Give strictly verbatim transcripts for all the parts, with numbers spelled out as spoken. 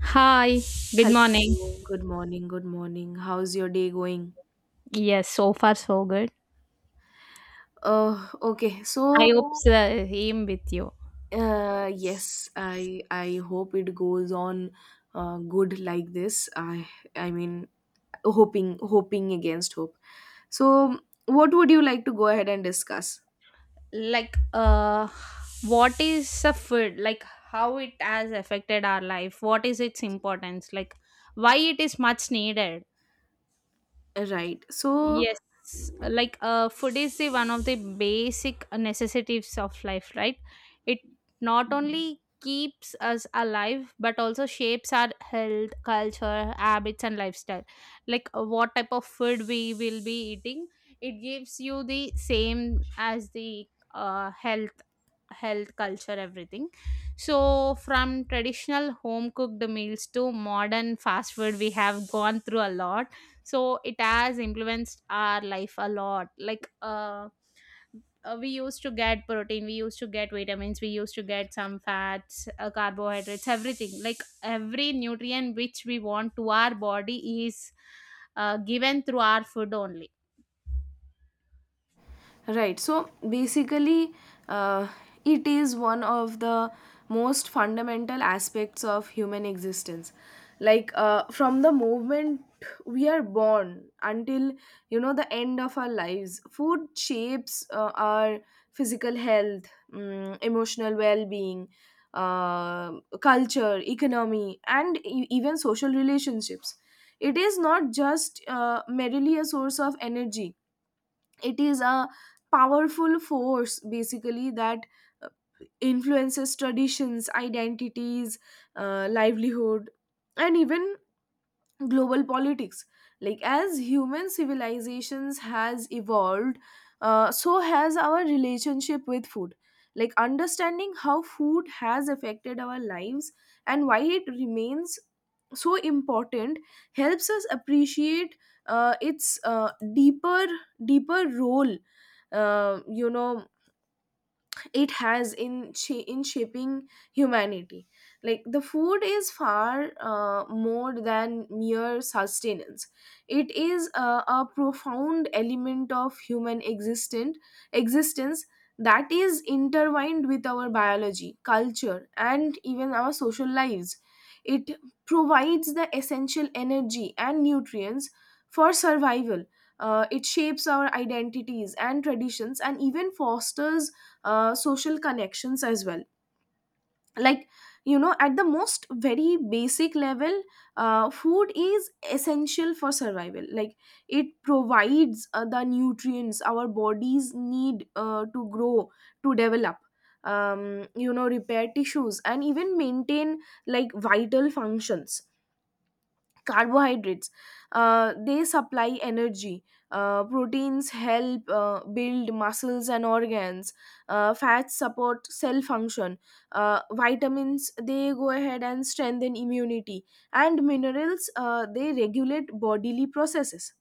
Hi, good morning. Hello, good morning, good morning. How's your day going? Yes, so far so good. Uh, okay, I so hope the same with you. uh, yes, I I hope it goes on uh, good like this. I I mean, hoping hoping against hope. So, what would you like to go ahead and discuss? Like, uh, what is the food? Like, how it has affected our life? What is its importance? Like, why it is much needed? Right. So, Yes, like uh, food is the one of the basic necessities of life, right? It not only keeps us alive but also shapes our health, culture, habits, and lifestyle. Like uh, what type of food we will be eating, it gives you the same as the uh, health health culture everything. So from traditional home cooked meals to modern fast food, we have gone through a lot. So it has influenced our life a lot. Like uh uh, we used to get protein, we used to get vitamins, we used to get some fats, uh, carbohydrates, everything. Like every nutrient which we want to our body is uh, given through our food only. Right. So basically, uh, it is one of the most fundamental aspects of human existence. Like uh, from the moment we are born until you know the end of our lives, food shapes uh, our physical health, um, emotional well-being, uh, culture, economy, and e- even social relationships. It is not just uh, merely a source of energy, it is a powerful force basically that uh, influences traditions, identities, uh, livelihood, and even global politics, like as human civilizations has evolved, uh, so has our relationship with food. Like understanding how food has affected our lives and why it remains so important helps us appreciate uh, its uh, deeper deeper role uh, you know it has in cha- in shaping humanity. Like the food is far uh, more than mere sustenance, it is a, a profound element of human existent existence that is intertwined with our biology, culture, and even our social lives. It provides the essential energy and nutrients for survival. Uh, it shapes our identities and traditions and even fosters uh, social connections as well. Like you know at the most very basic level, uh, food is essential for survival. Like it provides uh, the nutrients our bodies need uh, to grow, to develop, um, you know, repair tissues, and even maintain like vital functions. Carbohydrates, uh, they supply energy. Uh, proteins help uh, build muscles and organs. Uh, fats support cell function. Uh, vitamins, they go ahead and strengthen immunity. And minerals, uh, they regulate bodily processes.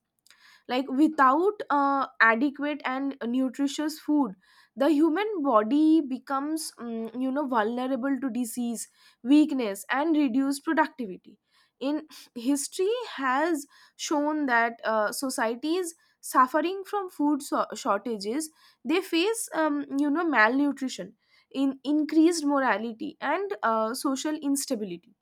Like without uh, adequate and nutritious food, the human body becomes, mm, you know, vulnerable to disease, weakness, and reduced productivity. In history has shown that uh, societies suffering from food so- shortages, they face, um, you know, malnutrition, in increased morality, and uh, social instability.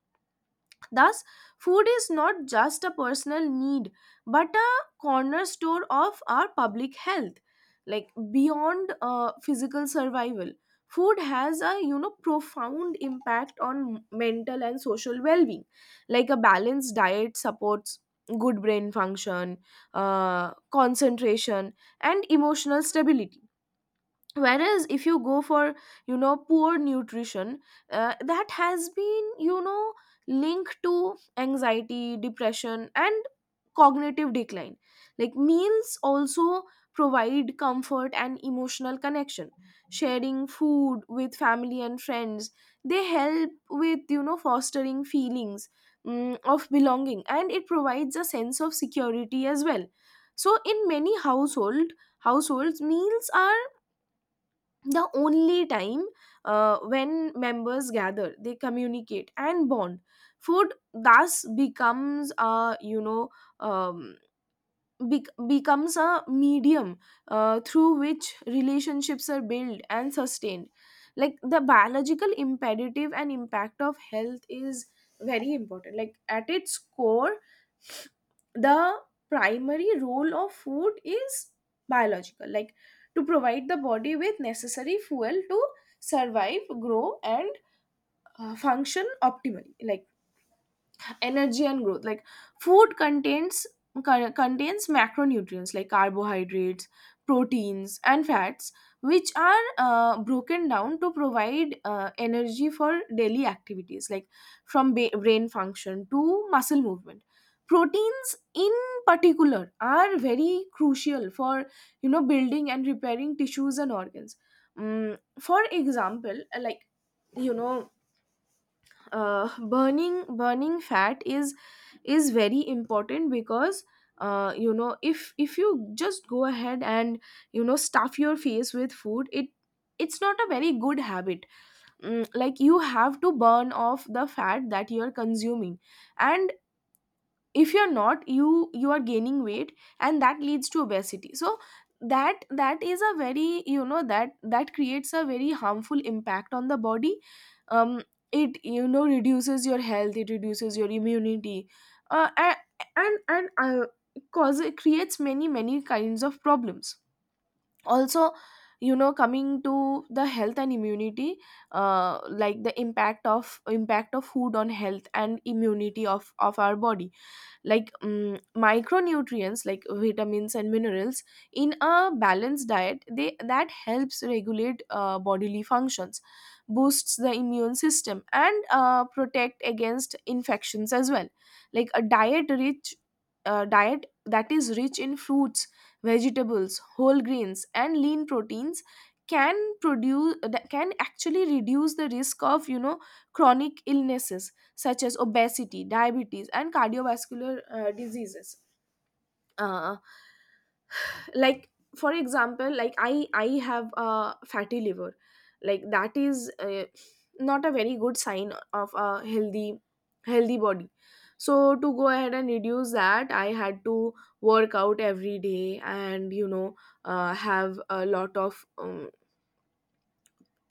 Thus, food is not just a personal need but a cornerstone of our public health. Like beyond uh, physical survival, food has a you know profound impact on mental and social well-being. Like a balanced diet supports good brain function, uh, concentration, and emotional stability, whereas if you go for you know poor nutrition, uh, that has been you know linked to anxiety, depression, and cognitive decline. Like meals also provide comfort and emotional connection. Sharing food with family and friends, they help with you know fostering feelings, mm, of belonging, and it provides a sense of security as well. So in many household households meals are the only time uh, when members gather, they communicate and bond. Food thus becomes a you know, um, bec- becomes a medium uh, through which relationships are built and sustained. Like the biological imperative and impact of health is very important. Like at its core, the primary role of food is biological, like to provide the body with necessary fuel to survive, grow, and uh, function optimally. Like energy and growth, like food contains co- contains macronutrients like carbohydrates, proteins, and fats, which are uh, broken down to provide uh, energy for daily activities, like from ba- brain function to muscle movement. Proteins in particular are very crucial for you know building and repairing tissues and organs. Mm, for example, like you know uh, burning burning fat is is very important, because uh, you know if if you just go ahead and you know stuff your face with food, it, it's not a very good habit. Mm, like you have to burn off the fat that you're consuming, and if you're not, you you are gaining weight, and that leads to obesity. So that, that is a very you know, that that creates a very harmful impact on the body. um it you know reduces your health, it reduces your immunity, uh, a- and and uh, cause it creates many many kinds of problems. Also you know, coming to the health and immunity, uh, like the impact of impact of food on health and immunity of of our body. Like mm micronutrients like vitamins and minerals in a balanced diet, they that helps regulate uh, bodily functions, boosts the immune system, and uh, protect against infections as well. Like a diet rich uh, diet that is rich in fruits, vegetables, whole grains, and lean proteins can produce, that can actually reduce the risk of you know chronic illnesses such as obesity, diabetes, and cardiovascular uh, diseases. Uh, like for example, like I I have a fatty liver, like that is uh, not a very good sign of a healthy healthy body. So to go ahead and reduce that, I had to work out every day, and you know uh, have a lot of um,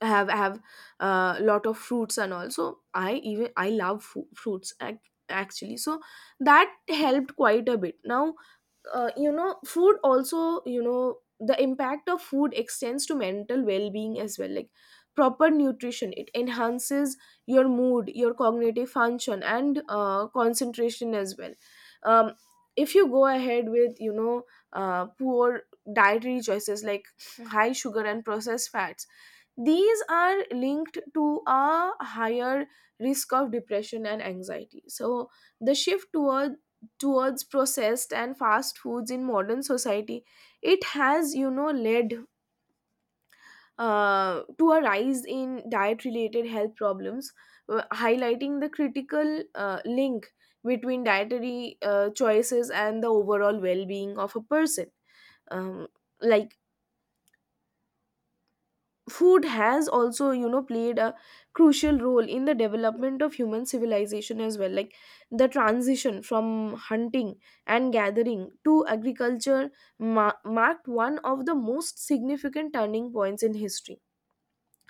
have have a uh, lot of fruits, and also I even I love fu- fruits ac- actually, so that helped quite a bit now. Uh, you know food also, you know, the impact of food extends to mental well-being as well. Like proper nutrition, it enhances your mood, your cognitive function, and uh, concentration as well. um, if you go ahead with you know uh, poor dietary choices like high sugar and processed fats, these are linked to a higher risk of depression and anxiety. So the shift toward towards processed and fast foods in modern society, it has you know led uh, to a rise in diet related health problems, uh, highlighting the critical uh, link between dietary uh, choices and the overall well being of a person. um, like food has also you know played a crucial role in the development of human civilization as well. Like the transition from hunting and gathering to agriculture ma- marked one of the most significant turning points in history.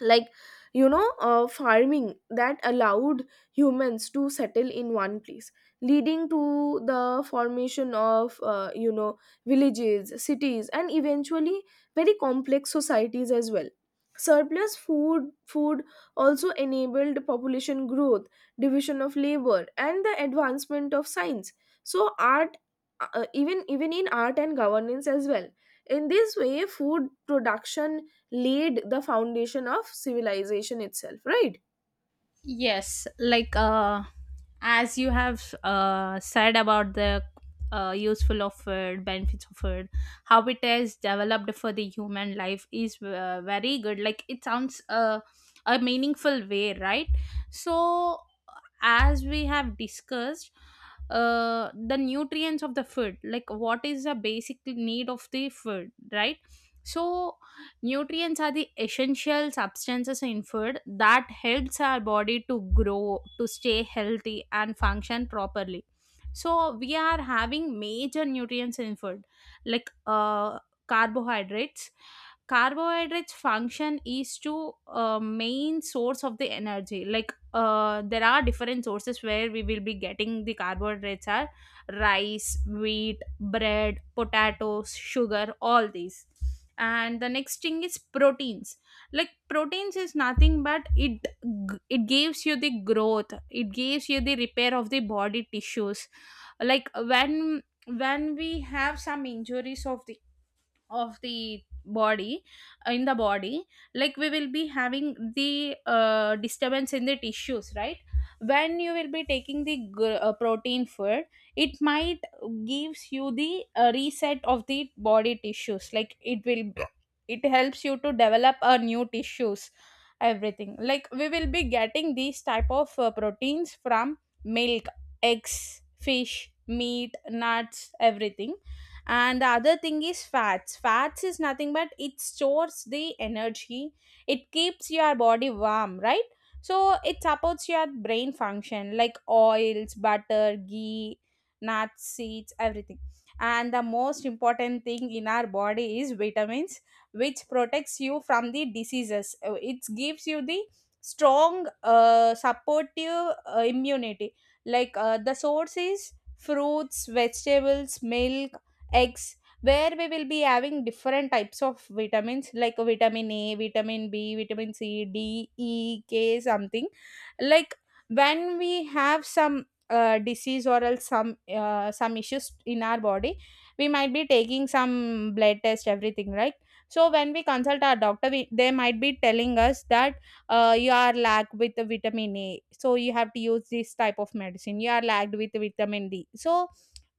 Like you know uh, farming that allowed humans to settle in one place, leading to the formation of uh, you know villages, cities, and eventually very complex societies as well. Surplus food food also enabled population growth, division of labor, and the advancement of science, so art, uh, even even in art and governance as well. In this way food production laid the foundation of civilization itself, right? Yes, like uh, as you have uh, said about the uh, useful of food, benefits of food, how it is developed for the human life is uh, very good. Like it sounds uh, a meaningful way, right? So, as we have discussed, uh, the nutrients of the food, like what is the basic need of the food, right? So nutrients are the essential substances in food that helps our body to grow, to stay healthy and function properly. So we are having major nutrients in food, like uh, carbohydrates. Carbohydrates function is to uh, main source of the energy. Like uh, there are different sources where we will be getting the carbohydrates are rice, wheat, bread, potatoes, sugar, all these. And the next thing is proteins. Like proteins is nothing but it g- it gives you the growth, it gives you the repair of the body tissues. Like when when we have some injuries of the of the body, uh, in the body, like we will be having the uh, disturbance in the tissues, right? When you will be taking the gr- uh, protein food, it might gives you the uh, reset of the body tissues. Like it will, it helps you to develop a new tissues, everything. Like we will be getting these type of uh, proteins from milk, eggs, fish, meat, nuts, everything. And the other thing is fats. Fats is nothing but it stores the energy, it keeps your body warm, right? So it supports your brain function, like oils, butter, ghee, nuts, seeds, everything. And the most important thing in our body is vitamins, which protects you from the diseases. Uh, it gives you the strong uh, supportive uh, immunity. Like uh, the source is fruits, vegetables, milk, eggs, where we will be having different types of vitamins like vitamin A, vitamin B, vitamin C, D, E, K, something. Like when we have some uh, disease or else some uh, some issues in our body, we might be taking some blood test, everything, right? So when we consult our doctor, we, they might be telling us that uh, you are lacked with the vitamin A, so you have to use this type of medicine. You are lacked with vitamin D, so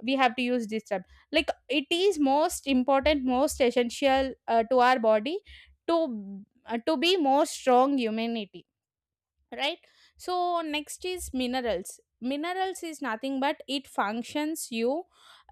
we have to use this type. Like it is most important, most essential uh, to our body, to uh, to be more strong humanity, right? So next is minerals. Minerals is nothing but it functions you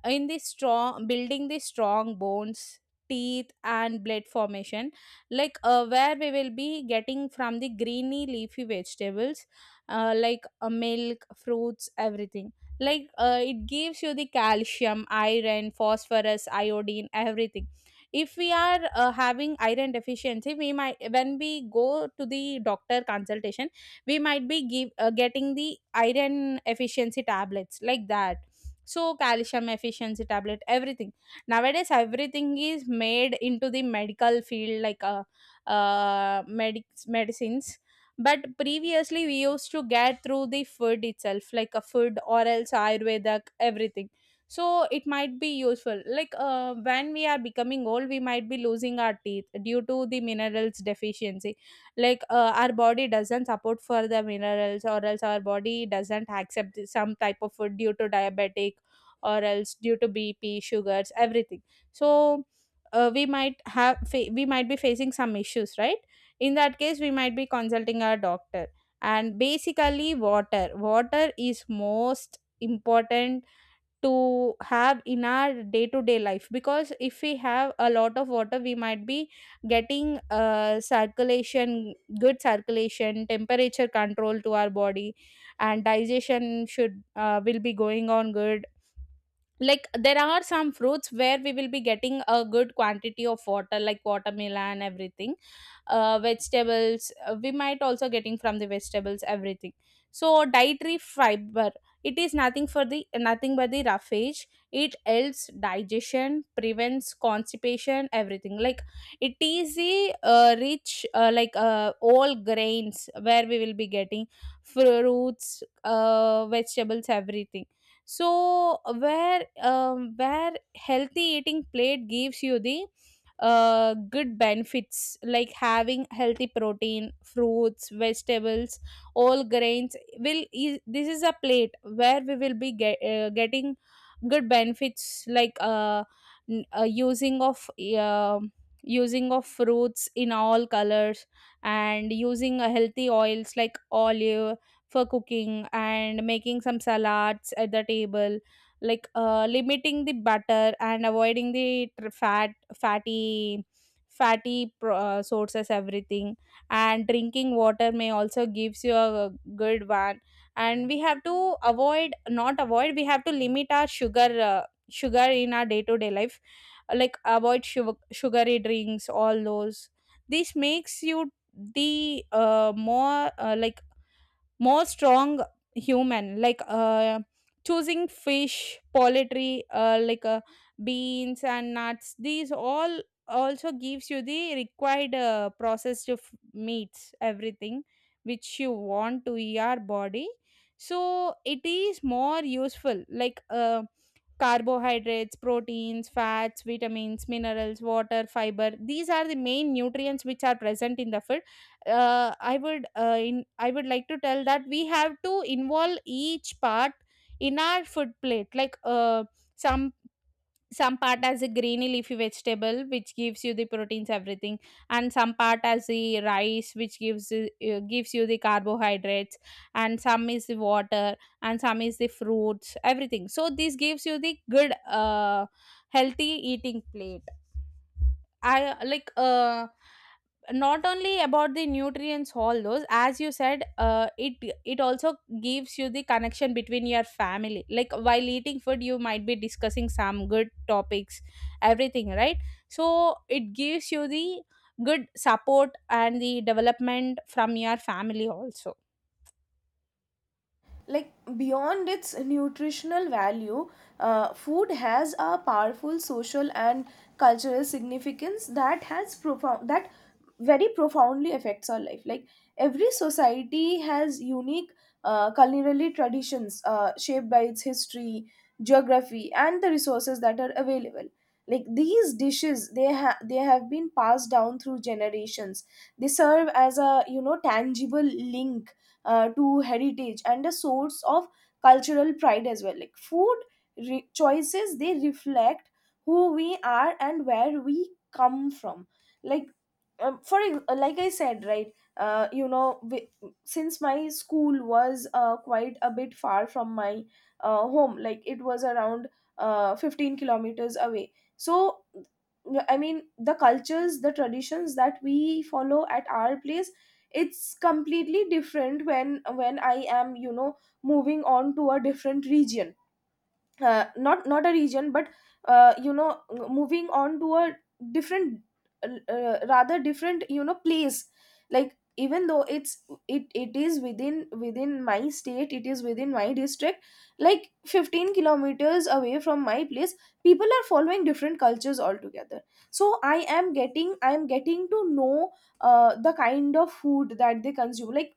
in the strong building, the strong bones, teeth, and blood formation. Like uh, where we will be getting from the greeny leafy vegetables, uh, like uh, milk, fruits, everything. Like uh, it gives you the calcium, iron, phosphorus, iodine, everything. If we are uh, having iron deficiency, we might, when we go to the doctor consultation, we might be give, uh, getting the iron efficiency tablets, like that. So calcium efficiency tablet, everything. Nowadays everything is made into the medical field, like uh, uh medic- medicines. But previously we used to get through the food itself, like a food or else ayurvedic, everything. So it might be useful. Like uh, when we are becoming old, we might be losing our teeth due to the minerals deficiency. Like uh, our body doesn't support for the minerals, or else our body doesn't accept some type of food due to diabetic or else due to BP, sugars, everything. So uh, we might have fa- we might be facing some issues, right? In that case, we might be consulting our doctor. And basically water, water is most important to have in our day to day life, because if we have a lot of water, we might be getting uh, circulation, good circulation, temperature control to our body, and digestion should uh, will be going on good. Like there are some fruits where we will be getting a good quantity of water, like watermelon, everything. Uh, vegetables, uh, we might also getting from the vegetables, everything. So dietary fiber, it is nothing for the nothing but the roughage. It helps digestion, prevents constipation, everything. Like it is the uh, rich, uh, like uh, all grains where we will be getting fruits, uh, vegetables, everything. So where um, where healthy eating plate gives you the uh, good benefits, like having healthy protein, fruits, vegetables, all grains will is, this is a plate where we will be get, uh, getting good benefits. Like uh, n- uh, using of um using of fruits in all colors, and using a healthy oils like olive for cooking and making some salads at the table. Like uh, limiting the butter and avoiding the tr- fat fatty fatty pro- uh, sources, everything. And drinking water may also gives you a good one. And we have to avoid not avoid we have to limit our sugar, uh, sugar in our day to day life. Like avoid sugar, sugary drinks, all those. This makes you the uh, more uh, like more strong human. Like uh, choosing fish, poultry, uh, like uh, beans and nuts, these all also gives you the required uh, processed f- meats, everything which you want to your body. So it is more useful. like uh, Carbohydrates, proteins, fats, vitamins, minerals, water, fiber. These are the main nutrients which are present in the food. Uh, I would uh, in, I would like to tell that we have to involve each part in our food plate. Like uh, some some part as a greeny leafy vegetable which gives you the proteins, everything. And some part as the rice which gives you- uh, gives you the carbohydrates, and some is the water, and some is the fruits, everything. So this gives you the good uh, healthy eating plate. I like uh not only about the nutrients, all those, as you said, uh, it, it also gives you the connection between your family. Like while eating food, you might be discussing some good topics, everything, right? So it gives you the good support and the development from your family also. Like beyond its nutritional value, uh, food has a powerful social and cultural significance that has profound that very profoundly affects our life. Like every society has unique uh, culinary traditions uh, shaped by its history, geography, and the resources that are available. Like these dishes, they ha- they have been passed down through generations, they serve as a you know tangible link uh, to heritage and a source of cultural pride as well. Like food re- choices, they reflect who we are and where we come from. Like um, for ex- like I said right uh, you know wi- since my school was uh, quite a bit far from my uh, home, like it was around uh, fifteen kilometers away. So I mean the cultures, the traditions that we follow at our place, it's completely different when when I am you know moving on to a different region. Uh, not not a region but uh, you know moving on to a different uh, rather different you know place. Like even though it's it it is within within my state, it is within my district, like fifteen kilometers away from my place, people are following different cultures altogether. So i am getting I am getting to know uh, the kind of food that they consume. Like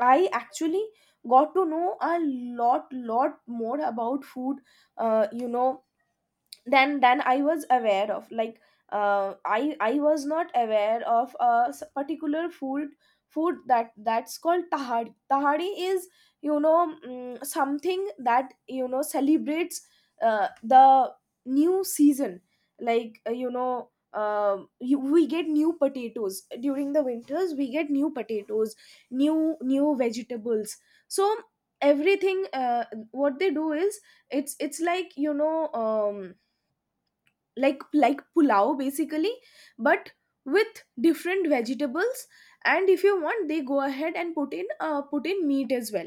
I actually got to know a lot, lot more about food, uh, you know, then then I was aware of, like uh, i i was not aware of a s- particular food food that that's called tahadi. Tahadi is you know, mm, something that you know celebrates uh, the new season. Like uh, you know uh, you, we get new potatoes during the winters, we get new potatoes, new new vegetables. So everything uh, what they do is, it's it's like you know um like like pulao basically, but with different vegetables. And if you want, they go ahead and put in uh, put in meat as well,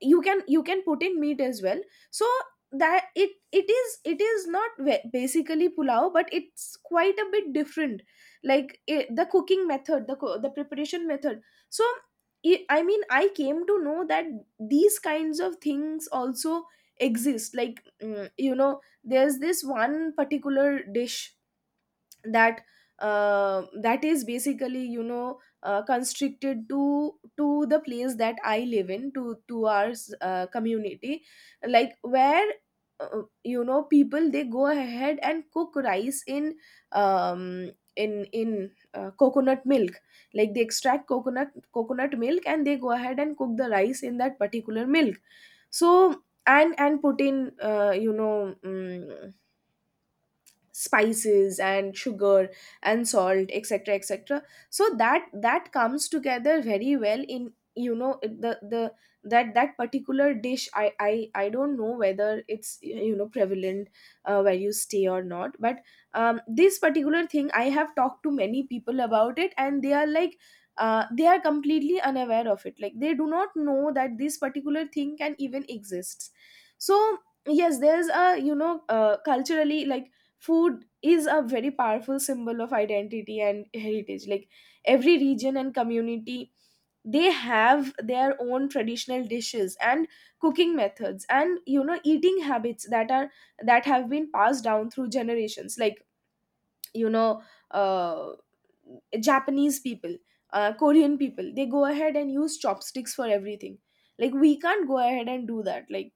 you can you can put in meat as well. So that it it is it is not ve- basically pulao, but it's quite a bit different. Like it, the cooking method the co- the preparation method. So i I mean I came to know that these kinds of things also exist. Like mm, you know there's this one particular dish that uh, that is basically you know uh, constricted to to the place that I live in, to to our uh, community. Like where uh, you know people, they go ahead and cook rice in um in in uh, coconut milk. Like they extract coconut coconut milk and they go ahead and cook the rice in that particular milk. So and and put in uh, you know mm spices and sugar and salt, etc., etc. So that that comes together very well in you know it- the the that that particular dish i i i don't know whether it's, you know, prevalent uh, where you stay or not, but um, this particular thing, I have talked to many people about it and they are like uh, they are completely unaware of it. Like they do not know that this particular thing can even exist. So yes, there's a, you know, uh, culturally, like food is a very powerful symbol of identity and heritage. Like every region and community, they have their own traditional dishes and cooking methods and, you know, eating habits that are that have been passed down through generations, like, you know, uh, Japanese people, uh, Korean people, they go ahead and use chopsticks for everything. Like we can't go ahead and do that. Like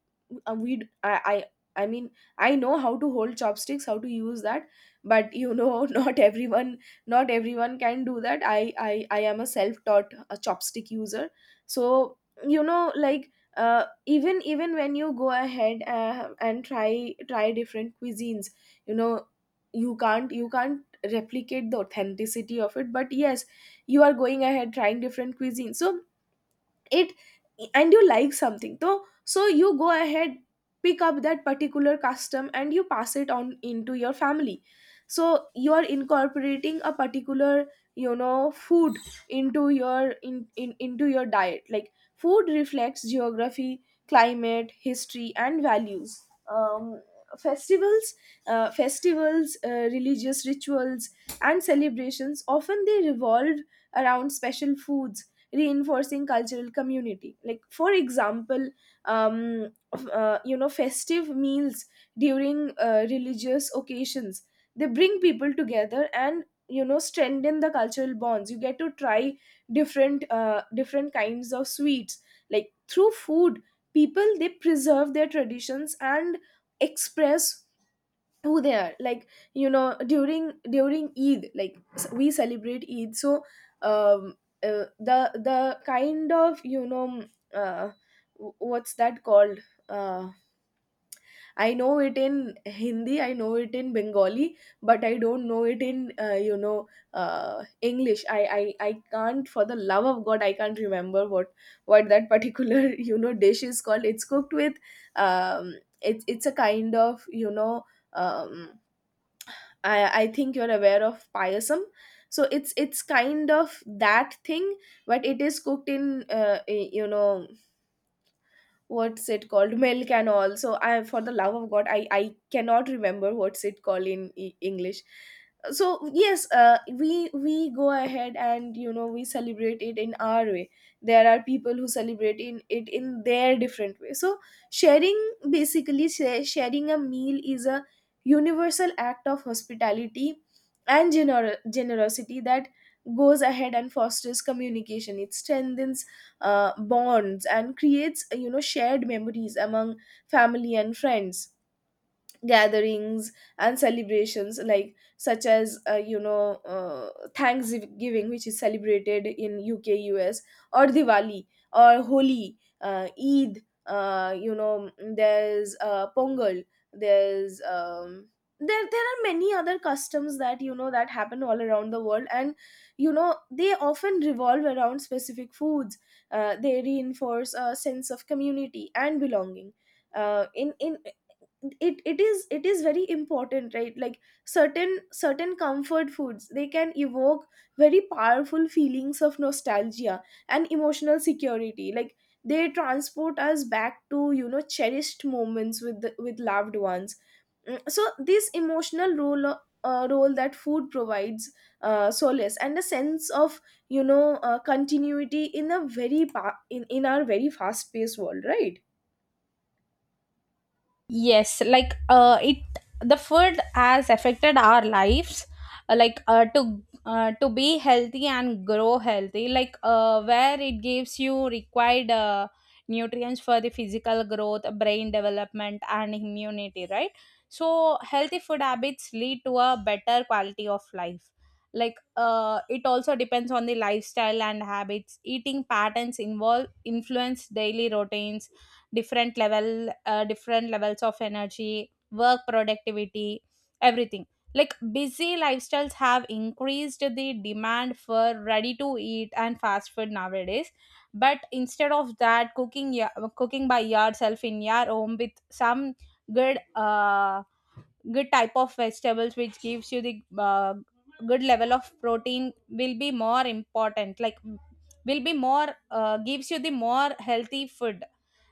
uh, we I, I I mean I know how to hold chopsticks, how to use that, but you know not everyone, not everyone can do that. I i, I am a self-taught uh chopstick user. So, you know, like uh, even even when you go ahead uh, and try try different cuisines, you know, you can't, you can't replicate the authenticity of it. But yes, you are going ahead trying different cuisines, so it, and you like something, so so you go ahead, pick up that particular custom and you pass it on into your family. So you are incorporating a particular, you know, food into your in, in into your diet. Like food reflects geography, climate, history and values. um, festivals uh, Festivals, uh, religious rituals and celebrations, often they revolve around special foods, reinforcing cultural community. Like for example, um, f- uh, you know, festive meals during uh, religious occasions, they bring people together and, you know, strengthen the cultural bonds. You get to try different uh, different kinds of sweets. Like through food, people, they preserve their traditions and express who they are. Like, you know, during during eid, like s- we celebrate eid. So um uh, the the kind of, you know, mm, uh, w- what's that called, uh, I know it in Hindi, I know it in Bengali, but I don't know it in, uh, you know, uh, English. I, I i can't for the love of god, I can't remember what what that particular you know dish is called. It's cooked with um it's it's a kind of, you know, um I, I think you're aware of payasam. So it's it's kind of that thing, but it is cooked in uh, eh, you know, what's it called, milk and all. So I for the love of god, i i cannot remember what's it called in E- english. So yes, uh, we we go ahead and, you know, we celebrate it in our way. There are people who celebrate in it in their different way. So sharing, basically sha- sharing a meal is a universal act of hospitality and gener- generosity that goes ahead and fosters communication. It strengthens uh, bonds and creates, uh, you know, shared memories among family and friends, gatherings and celebrations like, such as, uh, you know, uh, thanksgiving which is celebrated in U K, U S, or Diwali or Holi, uh, eid, uh, you know, there's uh, Pongal, there's um, there there are many other customs that, you know, that happen all around the world and, you know, they often revolve around specific foods. Uh, they reinforce a sense of community and belonging. Uh, in in it it is it is very important, right? Like certain certain comfort foods, they can evoke very powerful feelings of nostalgia and emotional security. Like they transport us back to, you know, cherished moments with the, with loved ones. Mm, so this emotional role o- uh, role that food provides uh, solace and a sense of, you know, uh, continuity in a very pa- in, in our very fast paced world, right? Yes, like uh, it, the food has affected our lives, uh, like uh, to uh, to be healthy and grow healthy. Like uh, where it gives you required uh, nutrients for the physical growth, brain development, and immunity, right? So healthy food habits lead to a better quality of life. Like uh, it also depends on the lifestyle and habits. Eating patterns involve influence daily routines, different level uh, different levels of energy, work, productivity, everything. Like busy lifestyles have increased the demand for ready to eat and fast food nowadays. But instead of that, cooking, ya- cooking by yourself in your home with some good uh good type of vegetables which gives you the uh, good level of protein will be more important. Like will be more, uh, gives you the more healthy food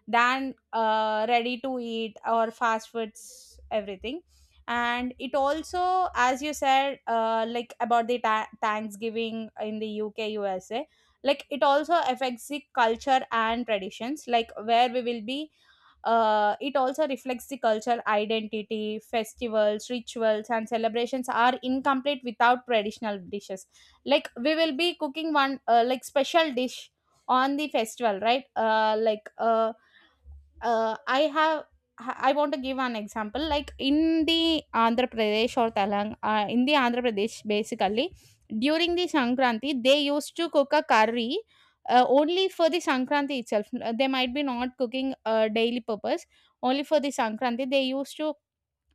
than uh, ready to eat or fast foods, everything. And it also, as you said, uh, like about the ta- thanksgiving in the UK, USA, like it also affects the culture and traditions. Like where we will be, uh, it also reflects the culture identity. Festivals, rituals, and celebrations are incomplete without traditional dishes. Like we will be cooking one uh, like special dish on the festival, right? Uh, like uh, uh, I have, I want to give an example. Like in the Andhra Pradesh or Telang, uh, in the Andhra Pradesh, basically during the Sankranti, they used to cook a curry uh, only for the Sankranti itself. Uh, They might be not cooking uh, daily purpose, only for the Sankranti. They used to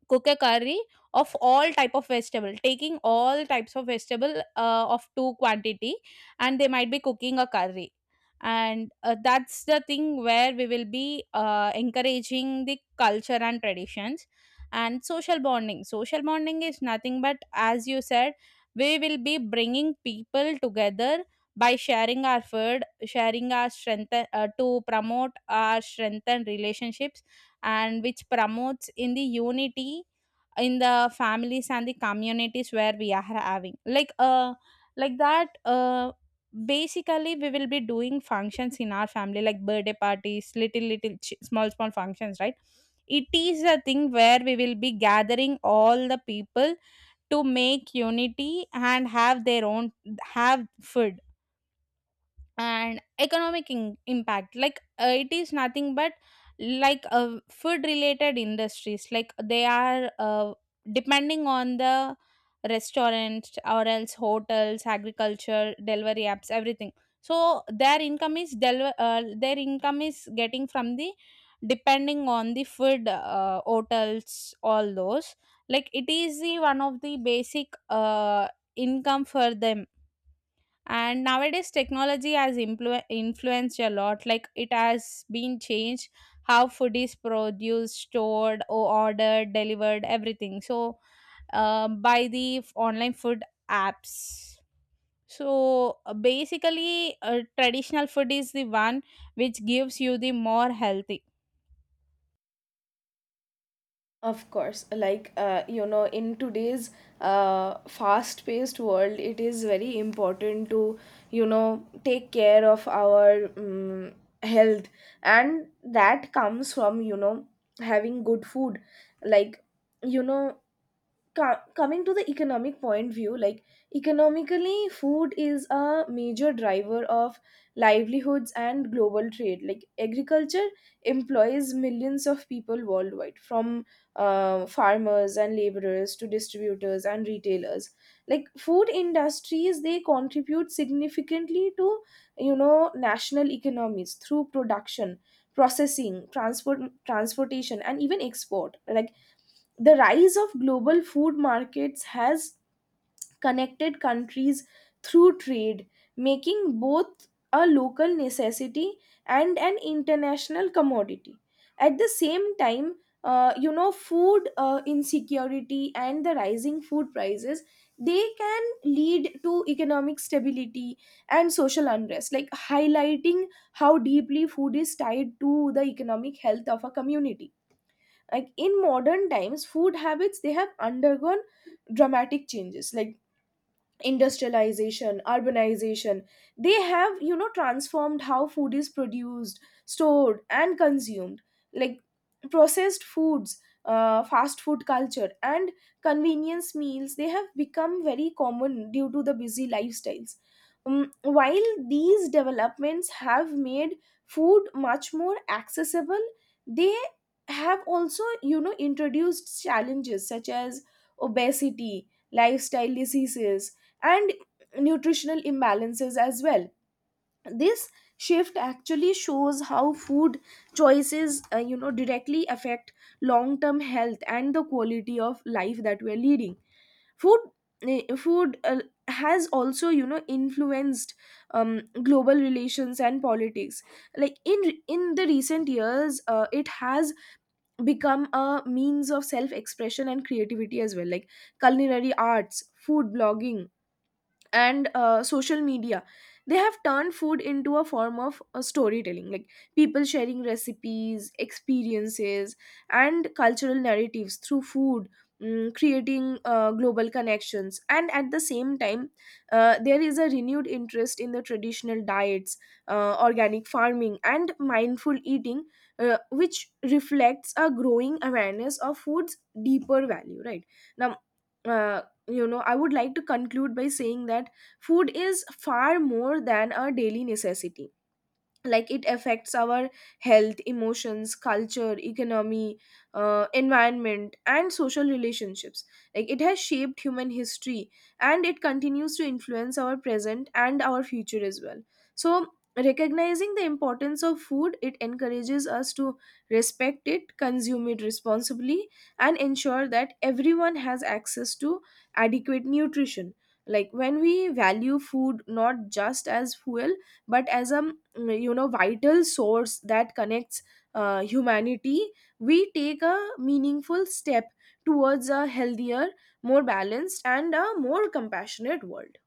cook a curry of all type of vegetable, taking all types of vegetable uh, of two quantity, and they might be cooking a curry. And uh, that's the thing where we will be uh, encouraging the culture and traditions. And social bonding, social bonding is nothing but, as you said, we will be bringing people together by sharing our food, sharing our strength, uh, to promote our strength and relationships, and which promotes in the unity in the families and the communities, where we are having like uh like that uh basically we will be doing functions in our family like birthday parties, little little ch- small small functions, right? It is a thing where we will be gathering all the people to make unity and have their own, have food. And economic in- impact, like uh, it is nothing but like uh, food related industries, like they are uh, depending on the restaurants or else hotels, agriculture, delivery apps, everything. So their income is del- uh, their income is getting from the, depending on the food, uh, hotels, all those. Like it is the one of the basic uh, income for them. And nowadays technology has influ- influenced a lot. Like it has been changed how food is produced, stored, or ordered, delivered, everything. So uh, by the f- online food apps. So uh, basically uh, traditional food is the one which gives you the more healthy Of course, like, uh, you know, in today's uh, fast-paced world, it is very important to, you know, take care of our um, health, and that comes from, you know, having good food. Like, you know, co- coming to the economic point view, like economically food is a major driver of livelihoods and global trade. Like agriculture employs millions of people worldwide, from uh, farmers and laborers to distributors and retailers. Like food industries, they contribute significantly to, you know, national economies through production, processing, transport transportation and even export. Like the rise of global food markets has connected countries through trade, making both a local necessity and an international commodity. At the same time, uh, you know, food uh, insecurity and the rising food prices, they can lead to economic stability and social unrest, like highlighting how deeply food is tied to the economic health of a community. Like in modern times, food habits, they have undergone dramatic changes, like industrialization, urbanization, they have, you know, transformed how food is produced, stored and consumed. Like processed foods, uh, fast food culture and convenience meals, they have become very common due to the busy lifestyles. Um, while these developments have made food much more accessible, they have also, you know, introduced challenges such as obesity, lifestyle diseases and nutritional imbalances as well. This shift actually shows how food choices uh, you know, directly affect long term health and the quality of life that we are leading. food eh, Food uh, has also, you know, influenced um, global relations and politics. Like in in the recent years, uh, it has become a means of self expression and creativity as well. Like culinary arts, food blogging and uh, social media, they have turned food into a form of uh, storytelling. Like people sharing recipes, experiences and cultural narratives through food, mm, creating uh, global connections. And at the same time, uh, there is a renewed interest in the traditional diets, uh, organic farming and mindful eating, uh, which reflects a growing awareness of food's deeper value, right? Now uh, you know, I would like to conclude by saying that food is far more than a daily necessity. Like it affects our health, emotions, culture, economy, uh, environment and social relationships. Like it has shaped human history and it continues to influence our present and our future as well. So recognizing the importance of food, it encourages us to respect it, consume it responsibly, and ensure that everyone has access to adequate nutrition. Like when we value food not just as fuel but as a, mm, you know, vital source that connects uh, humanity, we take a meaningful step towards a healthier, more balanced and a more compassionate world.